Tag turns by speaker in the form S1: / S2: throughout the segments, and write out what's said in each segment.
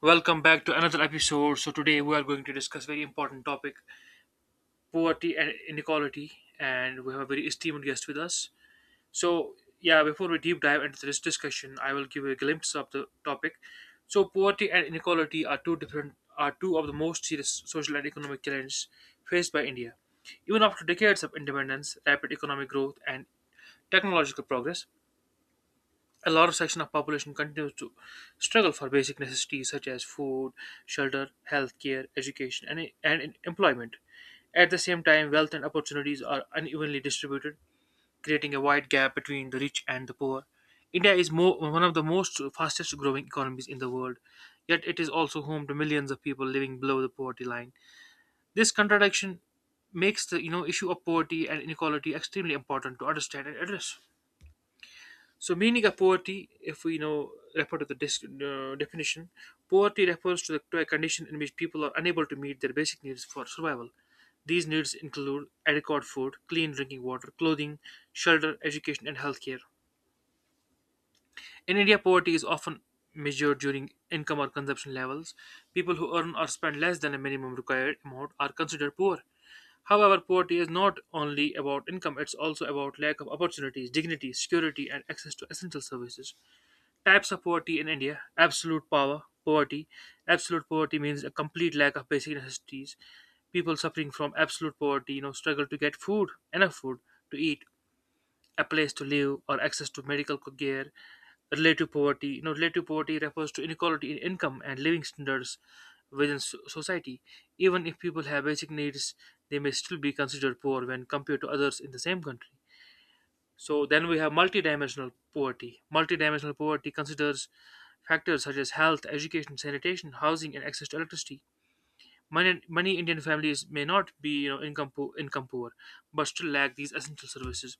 S1: Welcome back to another episode. So today we are going to discuss very important topic, poverty and inequality, and we have a very esteemed guest with us. So yeah, before we deep dive into this discussion, I will give a glimpse of the topic. So poverty and inequality are two of the most serious social and economic challenges faced by India. Even after decades of independence, rapid economic growth and technological progress, a large section of population continues to struggle for basic necessities such as food, shelter, healthcare, education, and employment. At the same time, wealth and opportunities are unevenly distributed, creating a wide gap between the rich and the poor. One of the most fastest growing economies in the world, yet it is also home to millions of people living below the poverty line. This contradiction makes the issue of poverty and inequality extremely important to understand and address. So, meaning of poverty, if we refer to the definition, poverty refers to a condition in which people are unable to meet their basic needs for survival. These needs include adequate food, clean drinking water, clothing, shelter, education, and healthcare. In India, poverty is often measured during income or consumption levels. People who earn or spend less than a minimum required amount are considered poor. However, poverty is not only about income, it's also about lack of opportunities, dignity, security, and access to essential services. Types of poverty in India: absolute power, poverty. Absolute poverty means a complete lack of basic necessities. People suffering from absolute poverty, struggle to get food, enough food to eat, a place to live, or access to medical care. Relative poverty, relative poverty refers to inequality in income and living standards within society. Even if people have basic needs, they may still be considered poor when compared to others in the same country. So then we have multidimensional poverty. Multidimensional poverty considers factors such as health, education, sanitation, housing, and access to electricity. Many Indian families may not be income, income poor, but still lack these essential services.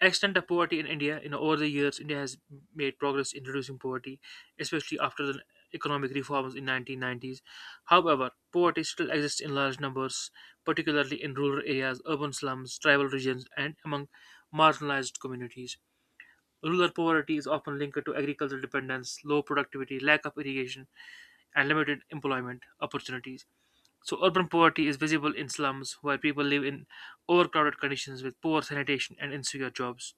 S1: Extent of poverty in India, over the years, India has made progress in reducing poverty, especially after the economic reforms in 1990s. However, poverty still exists in large numbers, particularly in rural areas, urban slums, tribal regions, and among marginalized communities. Rural poverty is often linked to agricultural dependence, low productivity, lack of irrigation, and limited employment opportunities. So urban poverty is visible in slums where people live in overcrowded conditions with poor sanitation and insecure jobs.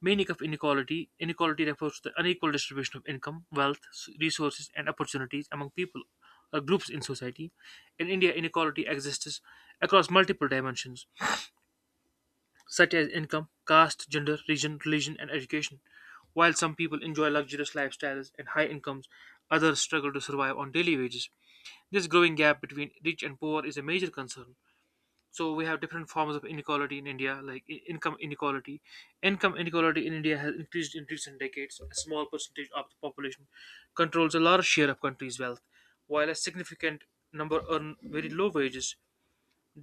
S1: Meaning of inequality: inequality refers to the unequal distribution of income, wealth, resources, and opportunities among people or groups in society. In India, inequality exists across multiple dimensions, such as income, caste, gender, region, religion, and education. While some people enjoy luxurious lifestyles and high incomes, others struggle to survive on daily wages. This growing gap between rich and poor is a major concern. So we have different forms of inequality in India, like income inequality. Income inequality in India has increased in recent decades. A small percentage of the population controls a large share of country's wealth, while a significant number earn very low wages.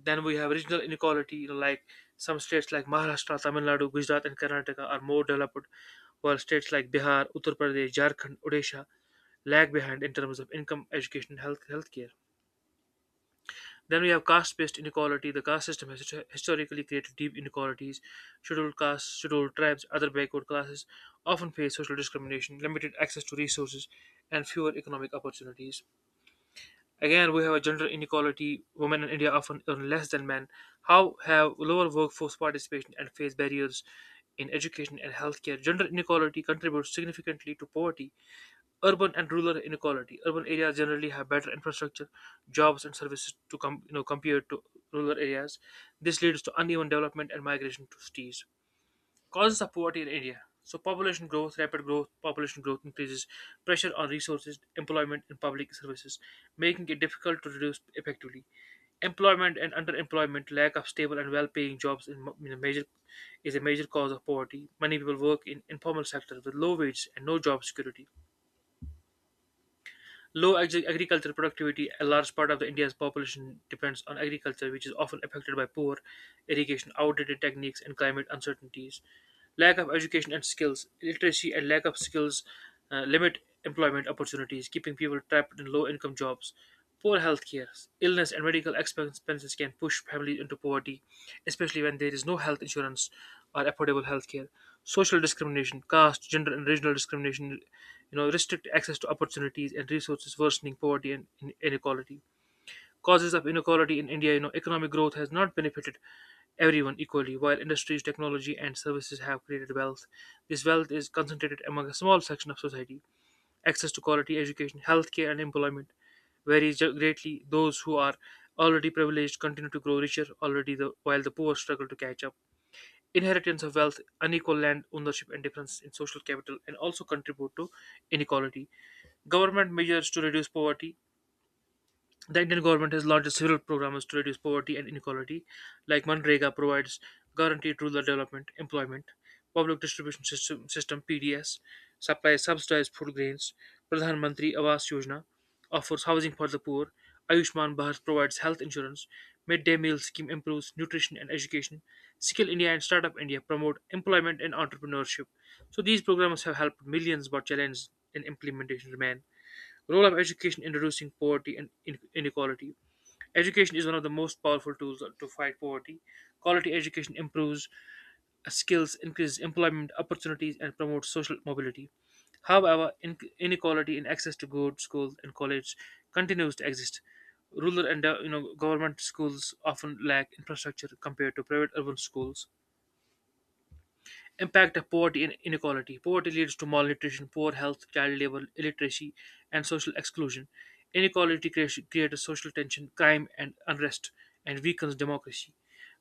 S1: Then we have regional inequality, like some states like Maharashtra, Tamil Nadu, Gujarat, and Karnataka are more developed, while states like Bihar, Uttar Pradesh, Jharkhand, Odisha lag behind in terms of income, education, and healthcare. Then we have caste-based inequality. The caste system has historically created deep inequalities. Scheduled castes, scheduled tribes, other backward classes often face social discrimination, limited access to resources, and fewer economic opportunities. Again, we have a gender inequality. Women in India often earn less than men. How have lower workforce participation and face barriers in education and healthcare? Gender inequality contributes significantly to poverty. Urban and rural inequality. Urban areas generally have better infrastructure, jobs, and services to come you know compared to rural areas. This leads to uneven development and migration to cities. Causes of poverty in India. So population growth, population growth increases pressure on resources, employment, and public services, making it difficult to reduce effectively. Employment and underemployment, lack of stable and well-paying jobs in a major is a major cause of poverty. Many people work in informal sectors with low wages and no job security. Low agricultural productivity, a large part of the India's population depends on agriculture, which is often affected by poor irrigation, outdated techniques, and climate uncertainties. Lack of education and skills, literacy and lack of skills limit employment opportunities, keeping people trapped in low income jobs. Poor healthcare, illness, and medical expenses can push families into poverty, especially when there is no health insurance or affordable healthcare. Social discrimination, caste, gender, and regional discrimination, restrict access to opportunities and resources, worsening poverty and inequality. Causes of inequality in India, economic growth has not benefited everyone equally. While industries, technology, and services have created wealth, this wealth is concentrated among a small section of society. Access to quality education, healthcare, and employment varies greatly. Those who are already privileged continue to grow richer while the poor struggle to catch up. Inheritance of wealth, unequal land ownership, and difference in social capital, and also contribute to inequality. Government measures to reduce poverty: the Indian government has launched several programs to reduce poverty and inequality, like MNREGA provides guaranteed rural development employment, public distribution system, system PDS supplies subsidized food grains, Pradhan Mantri Awas Yojana offers housing for the poor, Ayushman Bharat provides health insurance, midday meal scheme improves nutrition and education, Skill India and Startup India promote employment and entrepreneurship. So these programs have helped millions, but challenges in implementation remain. Role of education in reducing poverty and inequality. Education is one of the most powerful tools to fight poverty. Quality education improves skills, increases employment opportunities, and promotes social mobility. However, inequality in access to good schools and college continues to exist. Rural and government schools often lack infrastructure compared to private urban schools. Impact of poverty and inequality. Poverty leads to malnutrition, poor health, child labor, illiteracy, and social exclusion. Inequality creates social tension, crime, and unrest, and weakens democracy.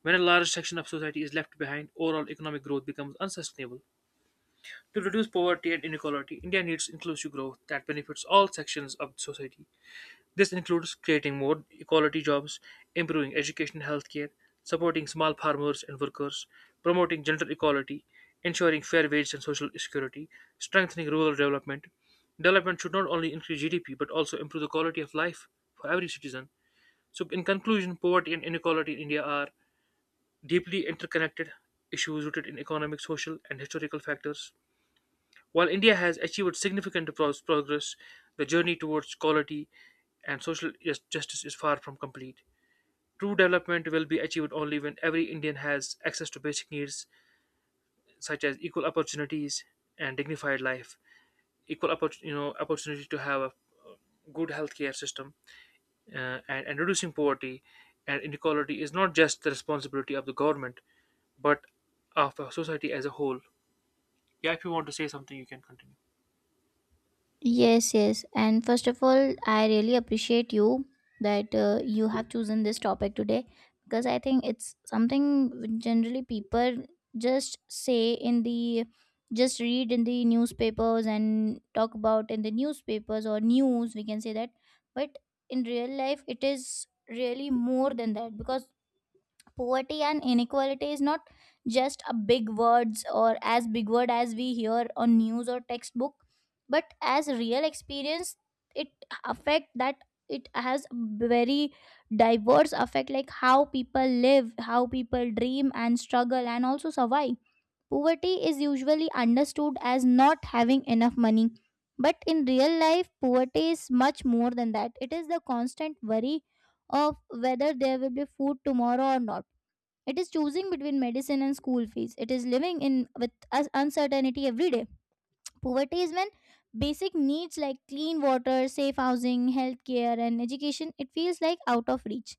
S1: When a large section of society is left behind, overall economic growth becomes unsustainable. To reduce poverty and inequality, India needs inclusive growth that benefits all sections of society. This includes creating more equality jobs, improving education and healthcare, supporting small farmers and workers, promoting gender equality, ensuring fair wages and social security, strengthening rural development. Development should not only increase GDP but also improve the quality of life for every citizen. So, in conclusion, poverty and inequality in India are deeply interconnected issues rooted in economic, social, and historical factors. While India has achieved significant progress, the journey towards equality and social justice is far from complete. True development will be achieved only when every Indian has access to basic needs such as equal opportunities and dignified life, equal opportunity to have a good healthcare system, and reducing poverty and inequality is not just the responsibility of the government but of the society as a whole. Yeah, if you want to say something, you can continue.
S2: Yes, yes. And first of all, I really appreciate you that you have chosen this topic today because I think it's something which generally people just say in the just read in the newspapers and talk about in the newspapers or news, we can say that. But in real life, it is really more than that because poverty and inequality is not just a big words or as big word as we hear on news or textbook but as real experience it affect that it has very diverse effect, like how people live, how people dream and struggle and also survive. Poverty is usually understood as not having enough money, but in real life poverty is much more than that. It is the constant worry of whether there will be food tomorrow or not. It is choosing between medicine and school fees. It is living in with uncertainty every day. Poverty is when basic needs like clean water, safe housing, healthcare, and education, it feels like out of reach.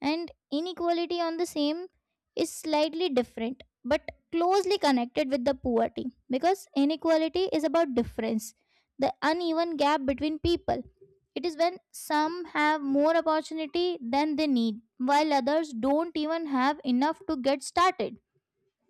S2: And inequality on the same is slightly different but closely connected with the poverty, because inequality is about difference, the uneven gap between people. It is when some have more opportunity than they need, while others don't even have enough to get started.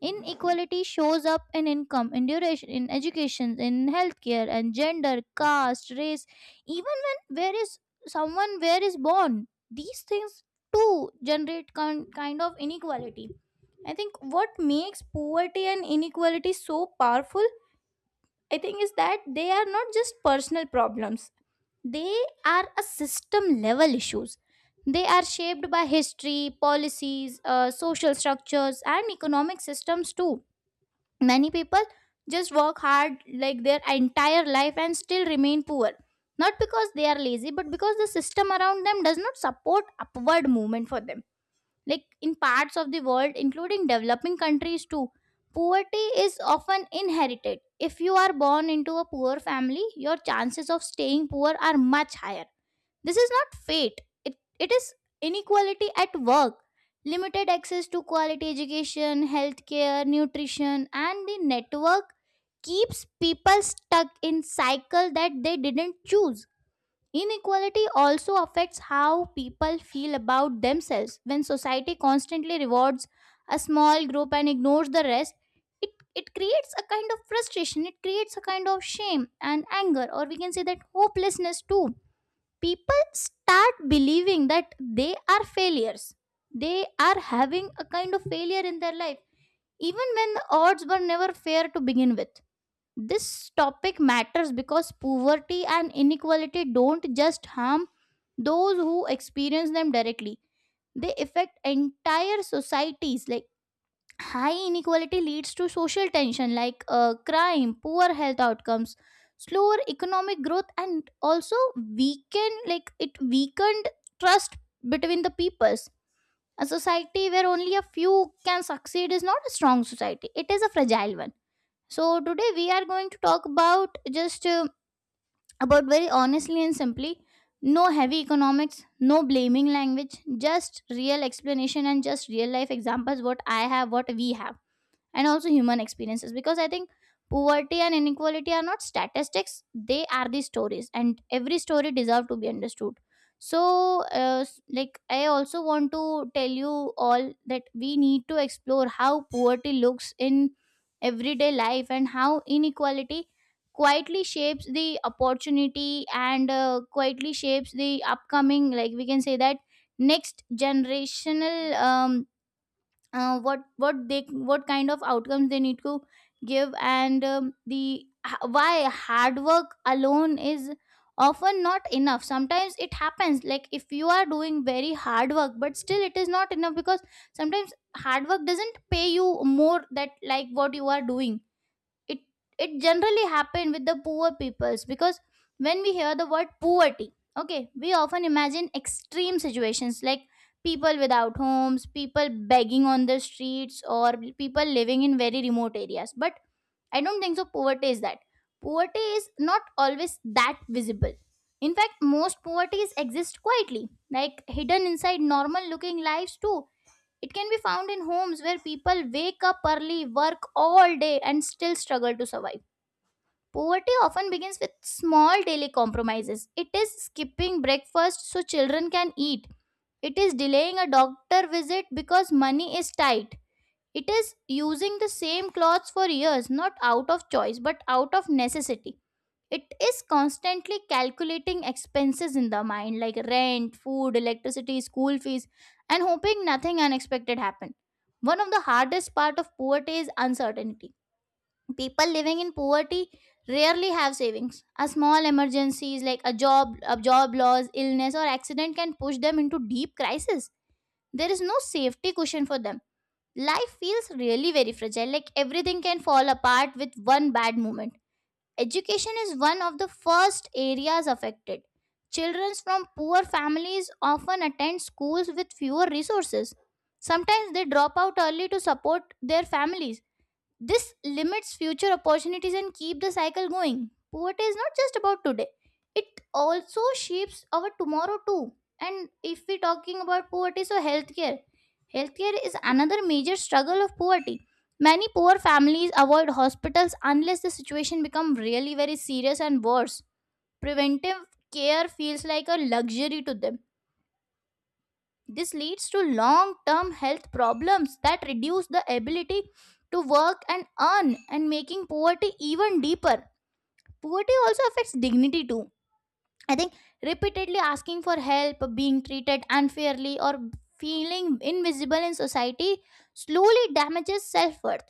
S2: Inequality shows up in income, in duration, in education, in healthcare, and gender, caste, race, even when where is someone where is born. These things too generate kind of inequality. I think what makes poverty and inequality so powerful, I think, is that they are not just personal problems. They are a system level issues. They are shaped by history, policies, social structures, and economic systems too. Many people just work hard like their entire life and still remain poor. Not because they are lazy, but because the system around them does not support upward movement for them. Like in parts of the world, including developing countries too, poverty is often inherited. If you are born into a poor family, your chances of staying poor are much higher. This is not fate. It is inequality at work. Limited access to quality education, healthcare, nutrition, and the network keeps people stuck in cycle that they didn't choose. Inequality also affects how people feel about themselves. When society constantly rewards a small group and ignores the rest, it, it creates a kind of frustration, it creates a kind of shame and anger, or we can say that hopelessness too. People start believing that they are failures, they are having a kind of failure in their life, even when the odds were never fair to begin with. This topic matters because poverty and inequality don't just harm those who experience them directly, they affect entire societies. Like high inequality leads to social tension, like crime, poor health outcomes, slower economic growth, and also weaken, like it weakened trust between the peoples. A society where only a few can succeed is not a strong society; it is a fragile one. So today we are going to talk about just about very honestly and simply. No heavy economics, no blaming language, just real explanation and just real life examples. What I have, what we have, and also human experiences, because I think poverty and inequality are not statistics, they are the stories, and every story deserve to be understood. So like I also want to tell you all that we need to explore how poverty looks in everyday life, and how inequality quietly shapes the opportunity, and quietly shapes the upcoming, like we can say that next generational um, what kind of outcomes they need to give, and why hard work alone is often not enough. Sometimes it happens, like if you are doing very hard work but still it is not enough, because sometimes hard work doesn't pay you more that like what you are doing. It it generally happen with the poor peoples, because when we hear the word poverty, okay, we often imagine extreme situations like people without homes, people begging on the streets, or people living in very remote areas. But I don't think so poverty is that. Poverty is not always that visible. In fact, most poverties exist quietly, like hidden inside normal looking lives too. It can be found in homes where people wake up early, work all day, and still struggle to survive. Poverty often begins with small daily compromises. It is skipping breakfast so children can eat. It is delaying a doctor visit because money is tight. It is using the same clothes for years, not out of choice, but out of necessity. It is constantly calculating expenses in the mind, like rent, food, electricity, school fees, and hoping nothing unexpected happen. One of the hardest part of poverty is uncertainty. People living in poverty rarely have savings. A small emergencies like a job loss, illness, or accident can push them into deep crisis. There is no safety cushion for them. Life feels really very fragile, like everything can fall apart with one bad moment. Education is one of the first areas affected. Children from poor families often attend schools with fewer resources. Sometimes they drop out early to support their families. This limits future opportunities and keep the cycle going. Poverty is not just about today. It also shapes our tomorrow too. And if we're talking about poverty, so healthcare. Healthcare is another major struggle of poverty. Many poor families avoid hospitals unless the situation becomes really very serious and worse. Preventive care feels like a luxury to them. This leads to long term health problems that reduce the ability to work and earn, and making poverty even deeper. Poverty also affects dignity too, I think. Repeatedly asking for help, being treated unfairly, or feeling invisible in society slowly damages self worth.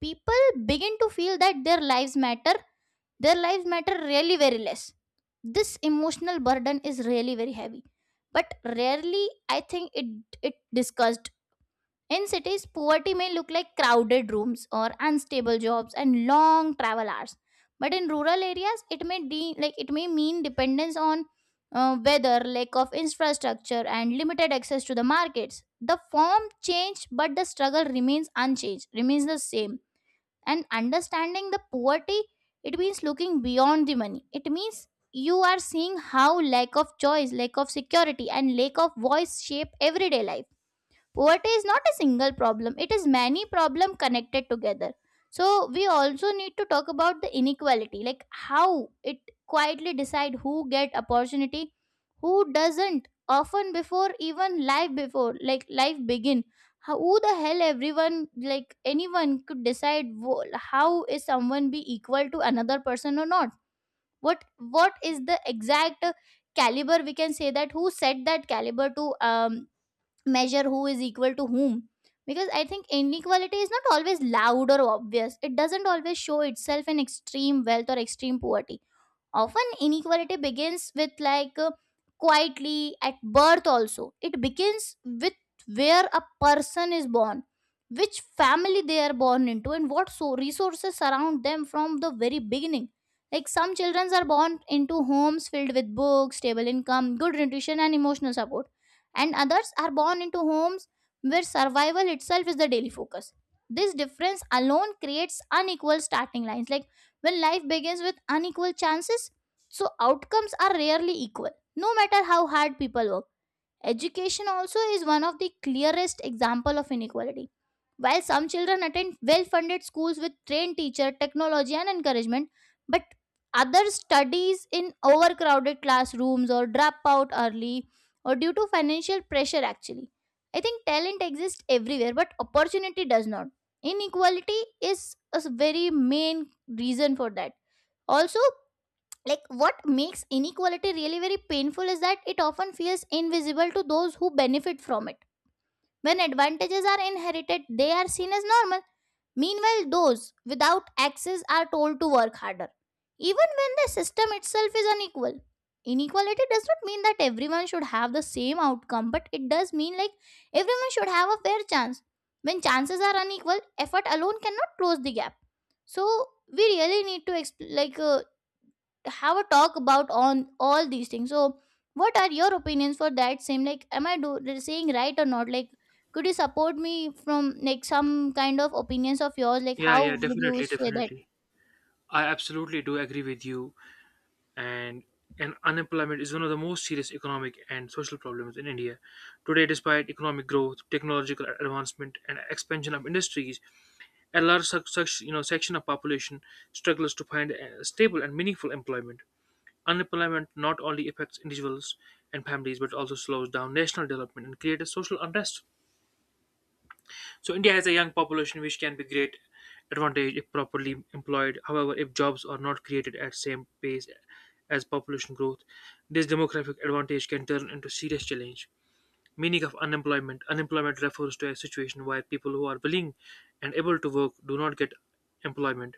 S2: People begin to feel that their lives matter really very less. This emotional burden is really very heavy, but rarely I think it discussed. In cities, poverty may look like crowded rooms or unstable jobs and long travel hours. But in rural areas, like it may mean dependence on weather, lack of infrastructure, and limited access to the markets. The form changed, but the struggle remains unchanged, remains the same. And understanding the poverty, it means looking beyond the money. It means you are seeing how lack of choice, lack of security, and lack of voice shape everyday life. ORT is not a single problem, it is many problem connected together. So we also need to talk about the inequality, like how it quietly decide who get opportunity, who doesn't, often before even life, before like life begin. How, who the hell, everyone, like anyone could decide how is someone be equal to another person or not. What is the exact caliber, we can say that, who set that caliber to um, measure who is equal to whom? Because I think inequality is not always loud or obvious, it doesn't always show itself in extreme wealth or extreme poverty. Often inequality begins with quietly at birth. Also it begins with where a person is born, which family they are born into, and what so resources surround them from the very beginning. Like some children are born into homes filled with books, stable income, good nutrition, and emotional support, and others are born into homes where survival itself is the daily focus. This difference alone creates unequal starting lines. Like when life begins with unequal chances, so outcomes are rarely equal, no matter how hard people work. Education also is one of the clearest example of inequality. While some children attend well-funded schools with trained teacher, technology and encouragement, but others studies in overcrowded classrooms or drop out early, or due to financial pressure actually. I think talent exists everywhere but opportunity does not. Inequality is very main reason for that also. Like, what makes inequality really very painful is that it often feels invisible to those who benefit from it. When advantages are inherited, they are seen as normal. Meanwhile, those without access are told to work harder, even when the system itself is unequal. Inequality does not mean that everyone should have the same outcome, but it does mean, like, everyone should have a fair chance. When chances are unequal, effort alone cannot close the gap. So we really need to have a talk about on all these things. So what are your opinions for that same, like, am I do saying right or not? Like, could you support me from like some kind of opinions of yours, like,
S1: Yeah,
S2: how
S1: yeah,
S2: would you
S1: definitely,
S2: say that?
S1: definitely. I absolutely do agree with you, and and unemployment is one of the most serious economic and social problems in India. Today, despite economic growth, technological advancement, and expansion of industries, a large such section of population struggles to find a stable and meaningful employment. Unemployment not only affects individuals and families but also slows down national development and creates social unrest. So India has a young population which can be great advantage if properly employed. However, if jobs are not created at same pace as population growth, this demographic advantage can turn into serious challenge. Meaning of unemployment. Unemployment refers to a situation where people who are willing and able to work do not get employment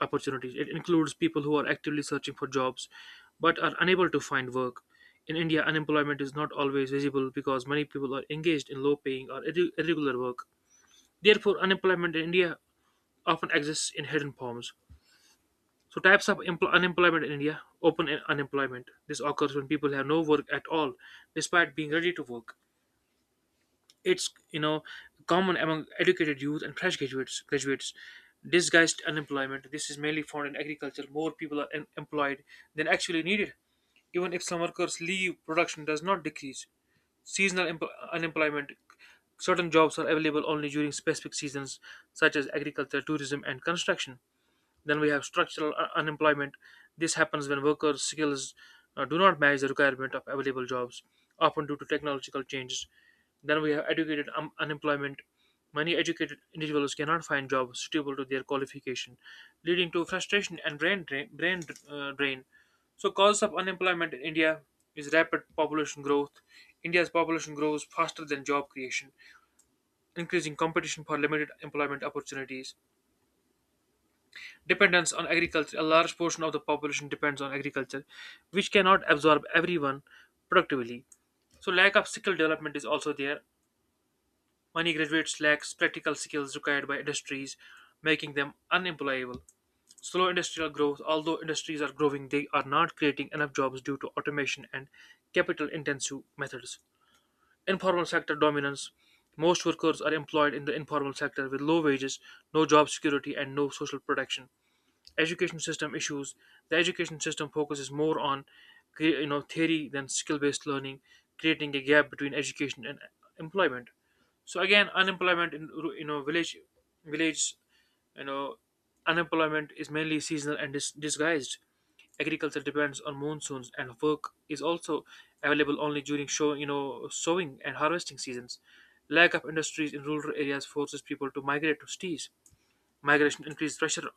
S1: opportunities. It includes people who are actively searching for jobs but are unable to find work. In India, unemployment is not always visible because many people are engaged in low paying or irregular work. Therefore, unemployment in India often exists in hidden forms. So, types of unemployment in India: open unemployment. This occurs when people have no work at all despite being ready to work. It's common among educated youth and fresh graduates. Disguised unemployment. This is mainly found in agriculture. More people are employed than actually needed. Even if some workers leave, production does not decrease. Seasonal unemployment. Certain jobs are available only during specific seasons, such as agriculture, tourism, and construction. Then we have structural unemployment. This happens when workers' skills do not match the requirement of available jobs, often due to technological changes. Then we have educated unemployment. Many educated individuals cannot find jobs suitable to their qualification, leading to frustration and brain drain. Brain drain. So, causes of unemployment in India is rapid population growth. India's population grows faster than job creation, increasing competition for limited employment opportunities. Dependence on agriculture. A large portion of the population depends on agriculture, which cannot absorb everyone productively. So, lack of skill development is also there. Many graduates lack practical skills required by industries, making them unemployable. Slow industrial growth. Although industries are growing, they are not creating enough jobs due to automation and capital intensive methods. Informal sector dominance. Most workers are employed in the informal sector with low wages, no job security, and no social protection. Education system issues. The education system focuses more on theory than skill based learning, creating a gap between education and employment. So again, unemployment in village. village you know Unemployment is mainly seasonal and disguised. Agriculture depends on monsoons, and work is also available only during show you know sowing and harvesting seasons. Lack of industries in rural areas forces people to migrate to cities. Migration increases pressure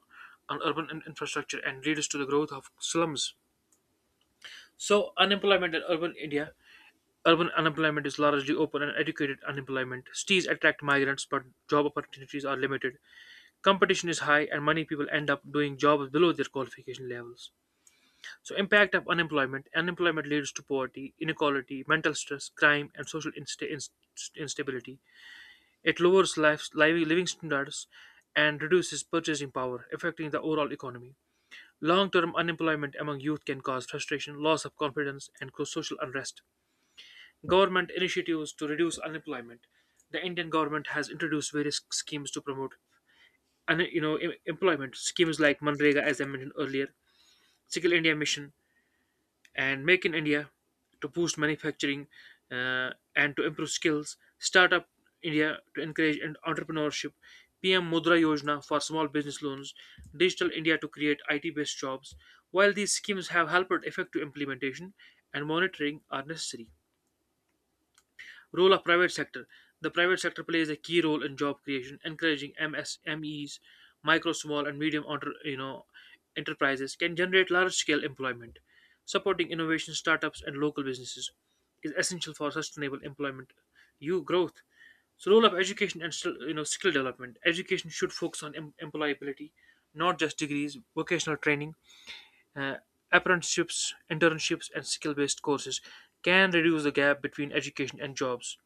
S1: on urban infrastructure and leads to the growth of slums. So, unemployment in urban India. Urban unemployment is largely open and educated unemployment. Cities attract migrants, but job opportunities are limited. Competition is high, and many people end up doing jobs below their qualification levels. So, impact of unemployment. Unemployment leads to poverty, inequality, mental stress, crime, and social instability. It lowers life, living standards and reduces purchasing power, affecting the overall economy. Long term unemployment among youth can cause frustration, loss of confidence, and cause social unrest. Government initiatives to reduce unemployment. The Indian government has introduced various schemes to promote employment. Schemes like Manrega, as I mentioned earlier, Skill India Mission, and Make in India to boost manufacturing uh, and to improve skills, Startup India to encourage and entrepreneurship, PM Mudra Yojana for small business loans, Digital India to create IT based jobs. While these schemes have helped, effective implementation and monitoring are necessary. Role of private sector. The private sector plays a key role in job creation. Encouraging MSMEs, micro, small, and medium enterprises can generate large-scale employment. Supporting innovation, startups, and local businesses is essential for sustainable employment, you growth. So, role of education and skill development. Education should focus on employability, not just degrees. Vocational training, uh, apprenticeships, internships, and skill-based courses can reduce the gap between education and jobs.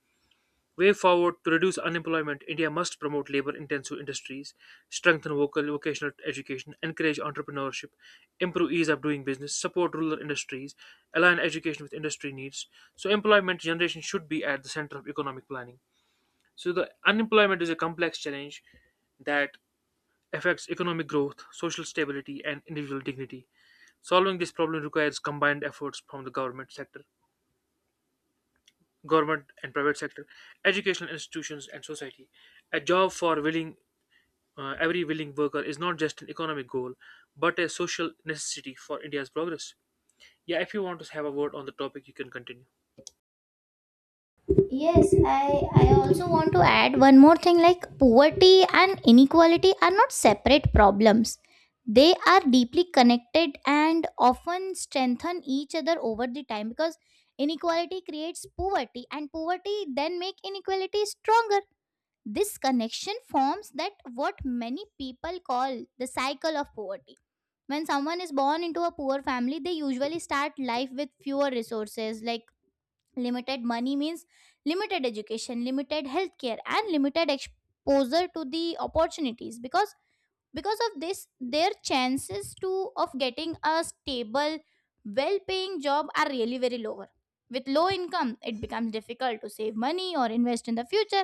S1: Way forward to reduce unemployment, India must promote labor intensive industries, strengthen vocational education, encourage entrepreneurship, improve ease of doing business, support rural industries, align education with industry needs. So, employment generation should be at the center of economic planning. So, the unemployment is a complex challenge that affects economic growth, social stability, and individual dignity. Solving this problem requires combined efforts from the government sector, government and private sector, educational institutions, and society. A job for willing every willing worker is not just an economic goal, but a social necessity for India's progress. Yeah, if you want to have a word on the topic, you can continue.
S2: Yes, I also want to add one more thing. Like, poverty and inequality are not separate problems. They are deeply connected and often strengthen each other over the time, because inequality creates poverty and poverty then make inequality stronger. This connection forms that what many people call the cycle of poverty. When someone is born into a poor family, they usually start life with fewer resources, like limited money means limited education, limited healthcare, and limited exposure to the opportunities, because of this their chances to of getting a stable, well paying job are really very lower. With low income, it becomes difficult to save money or invest in the future.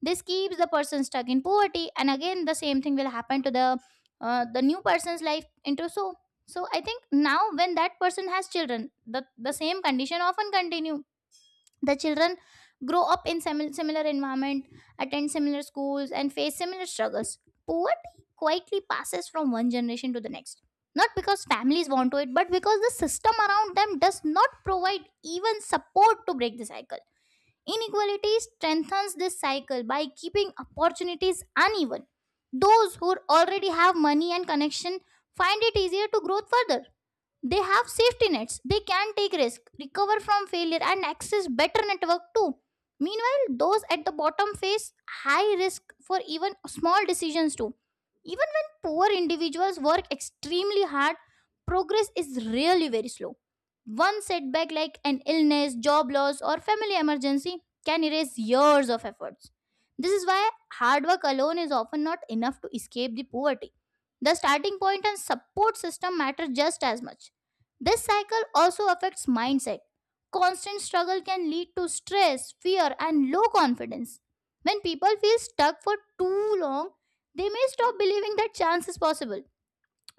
S2: This keeps the person stuck in poverty, and again the same thing will happen to the new person's life into. So I think now when that person has children, the same condition often continue. The children grow up in similar environment, attend similar schools, and face similar struggles. Poverty quietly passes from one generation to the next, not because families want to it, but because the system around them does not provide even support to break the cycle. Inequality strengthens this cycle by keeping opportunities uneven. Those who already have money and connection find it easier to grow further. They have safety nets. They can take risk, recover from failure, and access better network too. Meanwhile, those at the bottom face high risk for even small decisions too. Even when poor individuals work extremely hard, progress is really very slow. One setback like an illness, job loss, or family emergency can erase years of efforts. This is why hard work alone is often not enough to escape the poverty. The starting point and support system matter just as much. This cycle also affects mindset. Constant struggle can lead to stress, fear, and low confidence. When people feel stuck for too long, they may stop believing that chance is possible,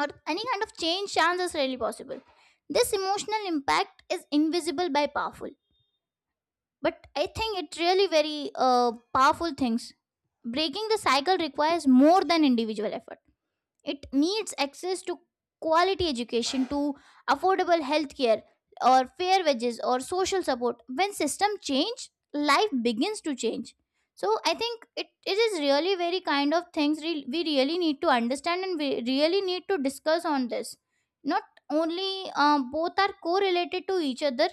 S2: or any kind of change chance is really possible. This emotional impact is invisible by powerful, but I think it really very powerful things. Breaking the cycle requires more than individual effort. It needs access to quality education, to affordable healthcare, or fair wages, or social support. When system change, life begins to change. So I think it is really very kind of things we really need to understand, and we really need to discuss on this. Not only both are correlated to each other,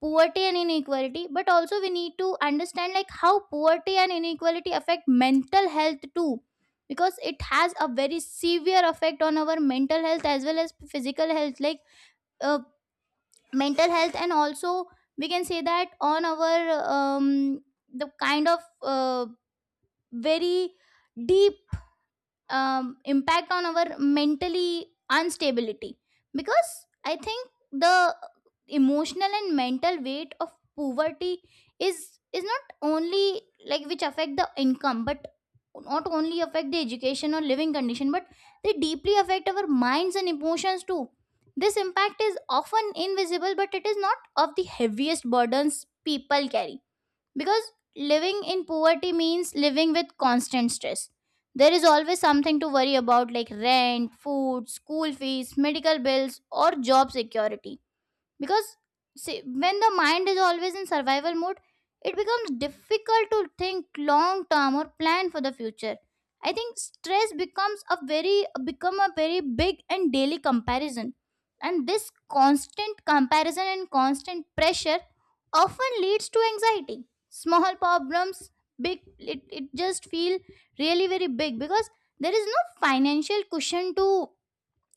S2: poverty and inequality, but also we need to understand like how poverty and inequality affect mental health too, because it has a very severe effect on our mental health as well as physical health, like uh, mental health, and also we can say that on our um, the kind of very deep impact on our mentally instability. Because I think the emotional and mental weight of poverty is not only, like, which affect the income, but not only affect the education or living condition, but they deeply affect our minds and emotions too. This impact is often invisible, but it is not of the heaviest burdens people carry, because living in poverty means living with constant stress. There is always something to worry about, like rent, food, school fees, medical bills, or job security. Because see, when the mind is always in survival mode, it becomes difficult to think long term or plan for the future. I think stress becomes a very become a very big and daily comparison, and this constant comparison and constant pressure often leads to anxiety. Small problems big, it just feel really very big, because there is no financial cushion to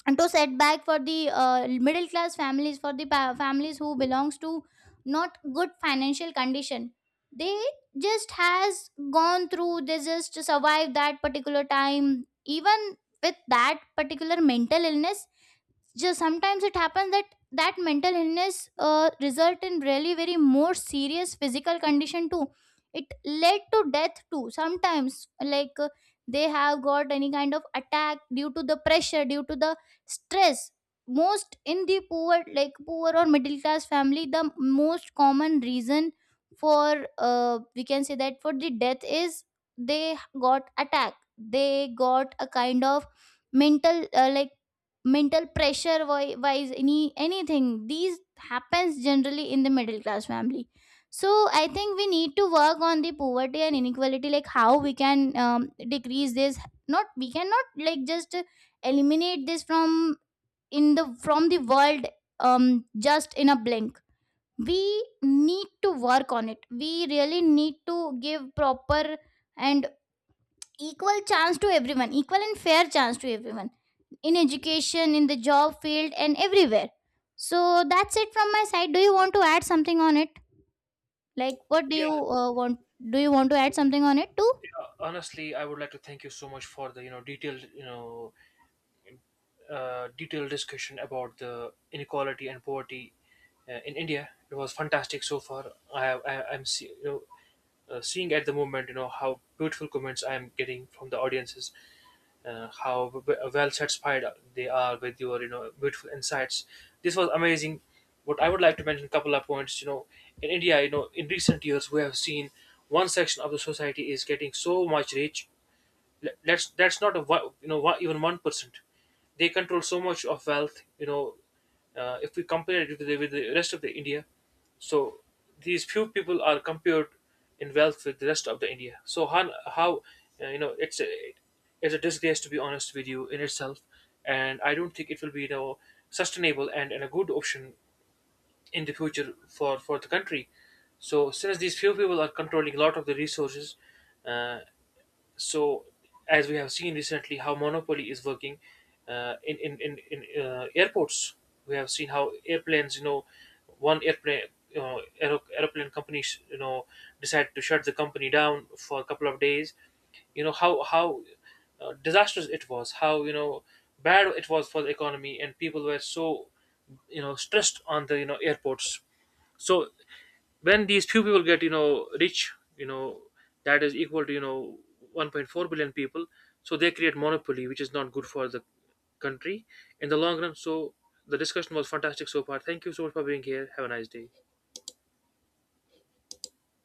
S2: and to setback for the middle class families, for the families who belongs to not good financial condition. They just has gone through, they just survived that particular time, even with that particular mental illness. Just sometimes it happens that that mental illness result in really very more serious physical condition too. It led to death too sometimes, like they have got any kind of attack due to the pressure, due to the stress. Most in the poor, like poor or middle class family, the most common reason for we can say that for the death is they got attack, they got a kind of mental like mental pressure wise, any anything these happens generally in the middle class family. So I think we need to work on the poverty and inequality, like how we can decrease this. Not we cannot, like, just eliminate this from in the from the world, just in a blink. We need to work on it. We really need to give proper and equal chance to everyone, equal and fair chance to everyone, in education, in the job field, and everywhere. So that's it from my side. Do you want to add something on it? Like, what do you
S1: Yeah,
S2: want? Do you want to add something on it too?
S1: yeah, honestly, I would like to thank you so much for the detailed detailed discussion about the inequality and poverty in India. It was fantastic so far. I I'm seeing at the moment how beautiful comments I am getting from the audiences, how well satisfied they are with your beautiful insights. This was amazing. What I would like to mention a couple of points. You know, in India, you know, in recent years we have seen one section of the society is getting so much rich. That's not a even 1%. They control so much of wealth. You know, if we compare it with with the rest of the India, so these few people are compared in wealth with the rest of the India. So how uh, you know it's a it's a disgrace, to be honest with you, in itself, and I don't think it will be sustainable and a good option in the future for the country. So since these few people are controlling a lot of the resources, uh, so as we have seen recently how monopoly is working in airports. We have seen how airplanes, you know, one airplane, airplane companies, you know, decide to shut the company down for a couple of days. You know, how disastrous it was, how bad it was for the economy, and people were so stressed on the airports. So when these few people get, you know, rich, you know, that is equal to, you know, 1.4 billion people. So they create monopoly, which is not good for the country in the long run. So the discussion was fantastic so far. Thank you so much for being here. Have a nice day.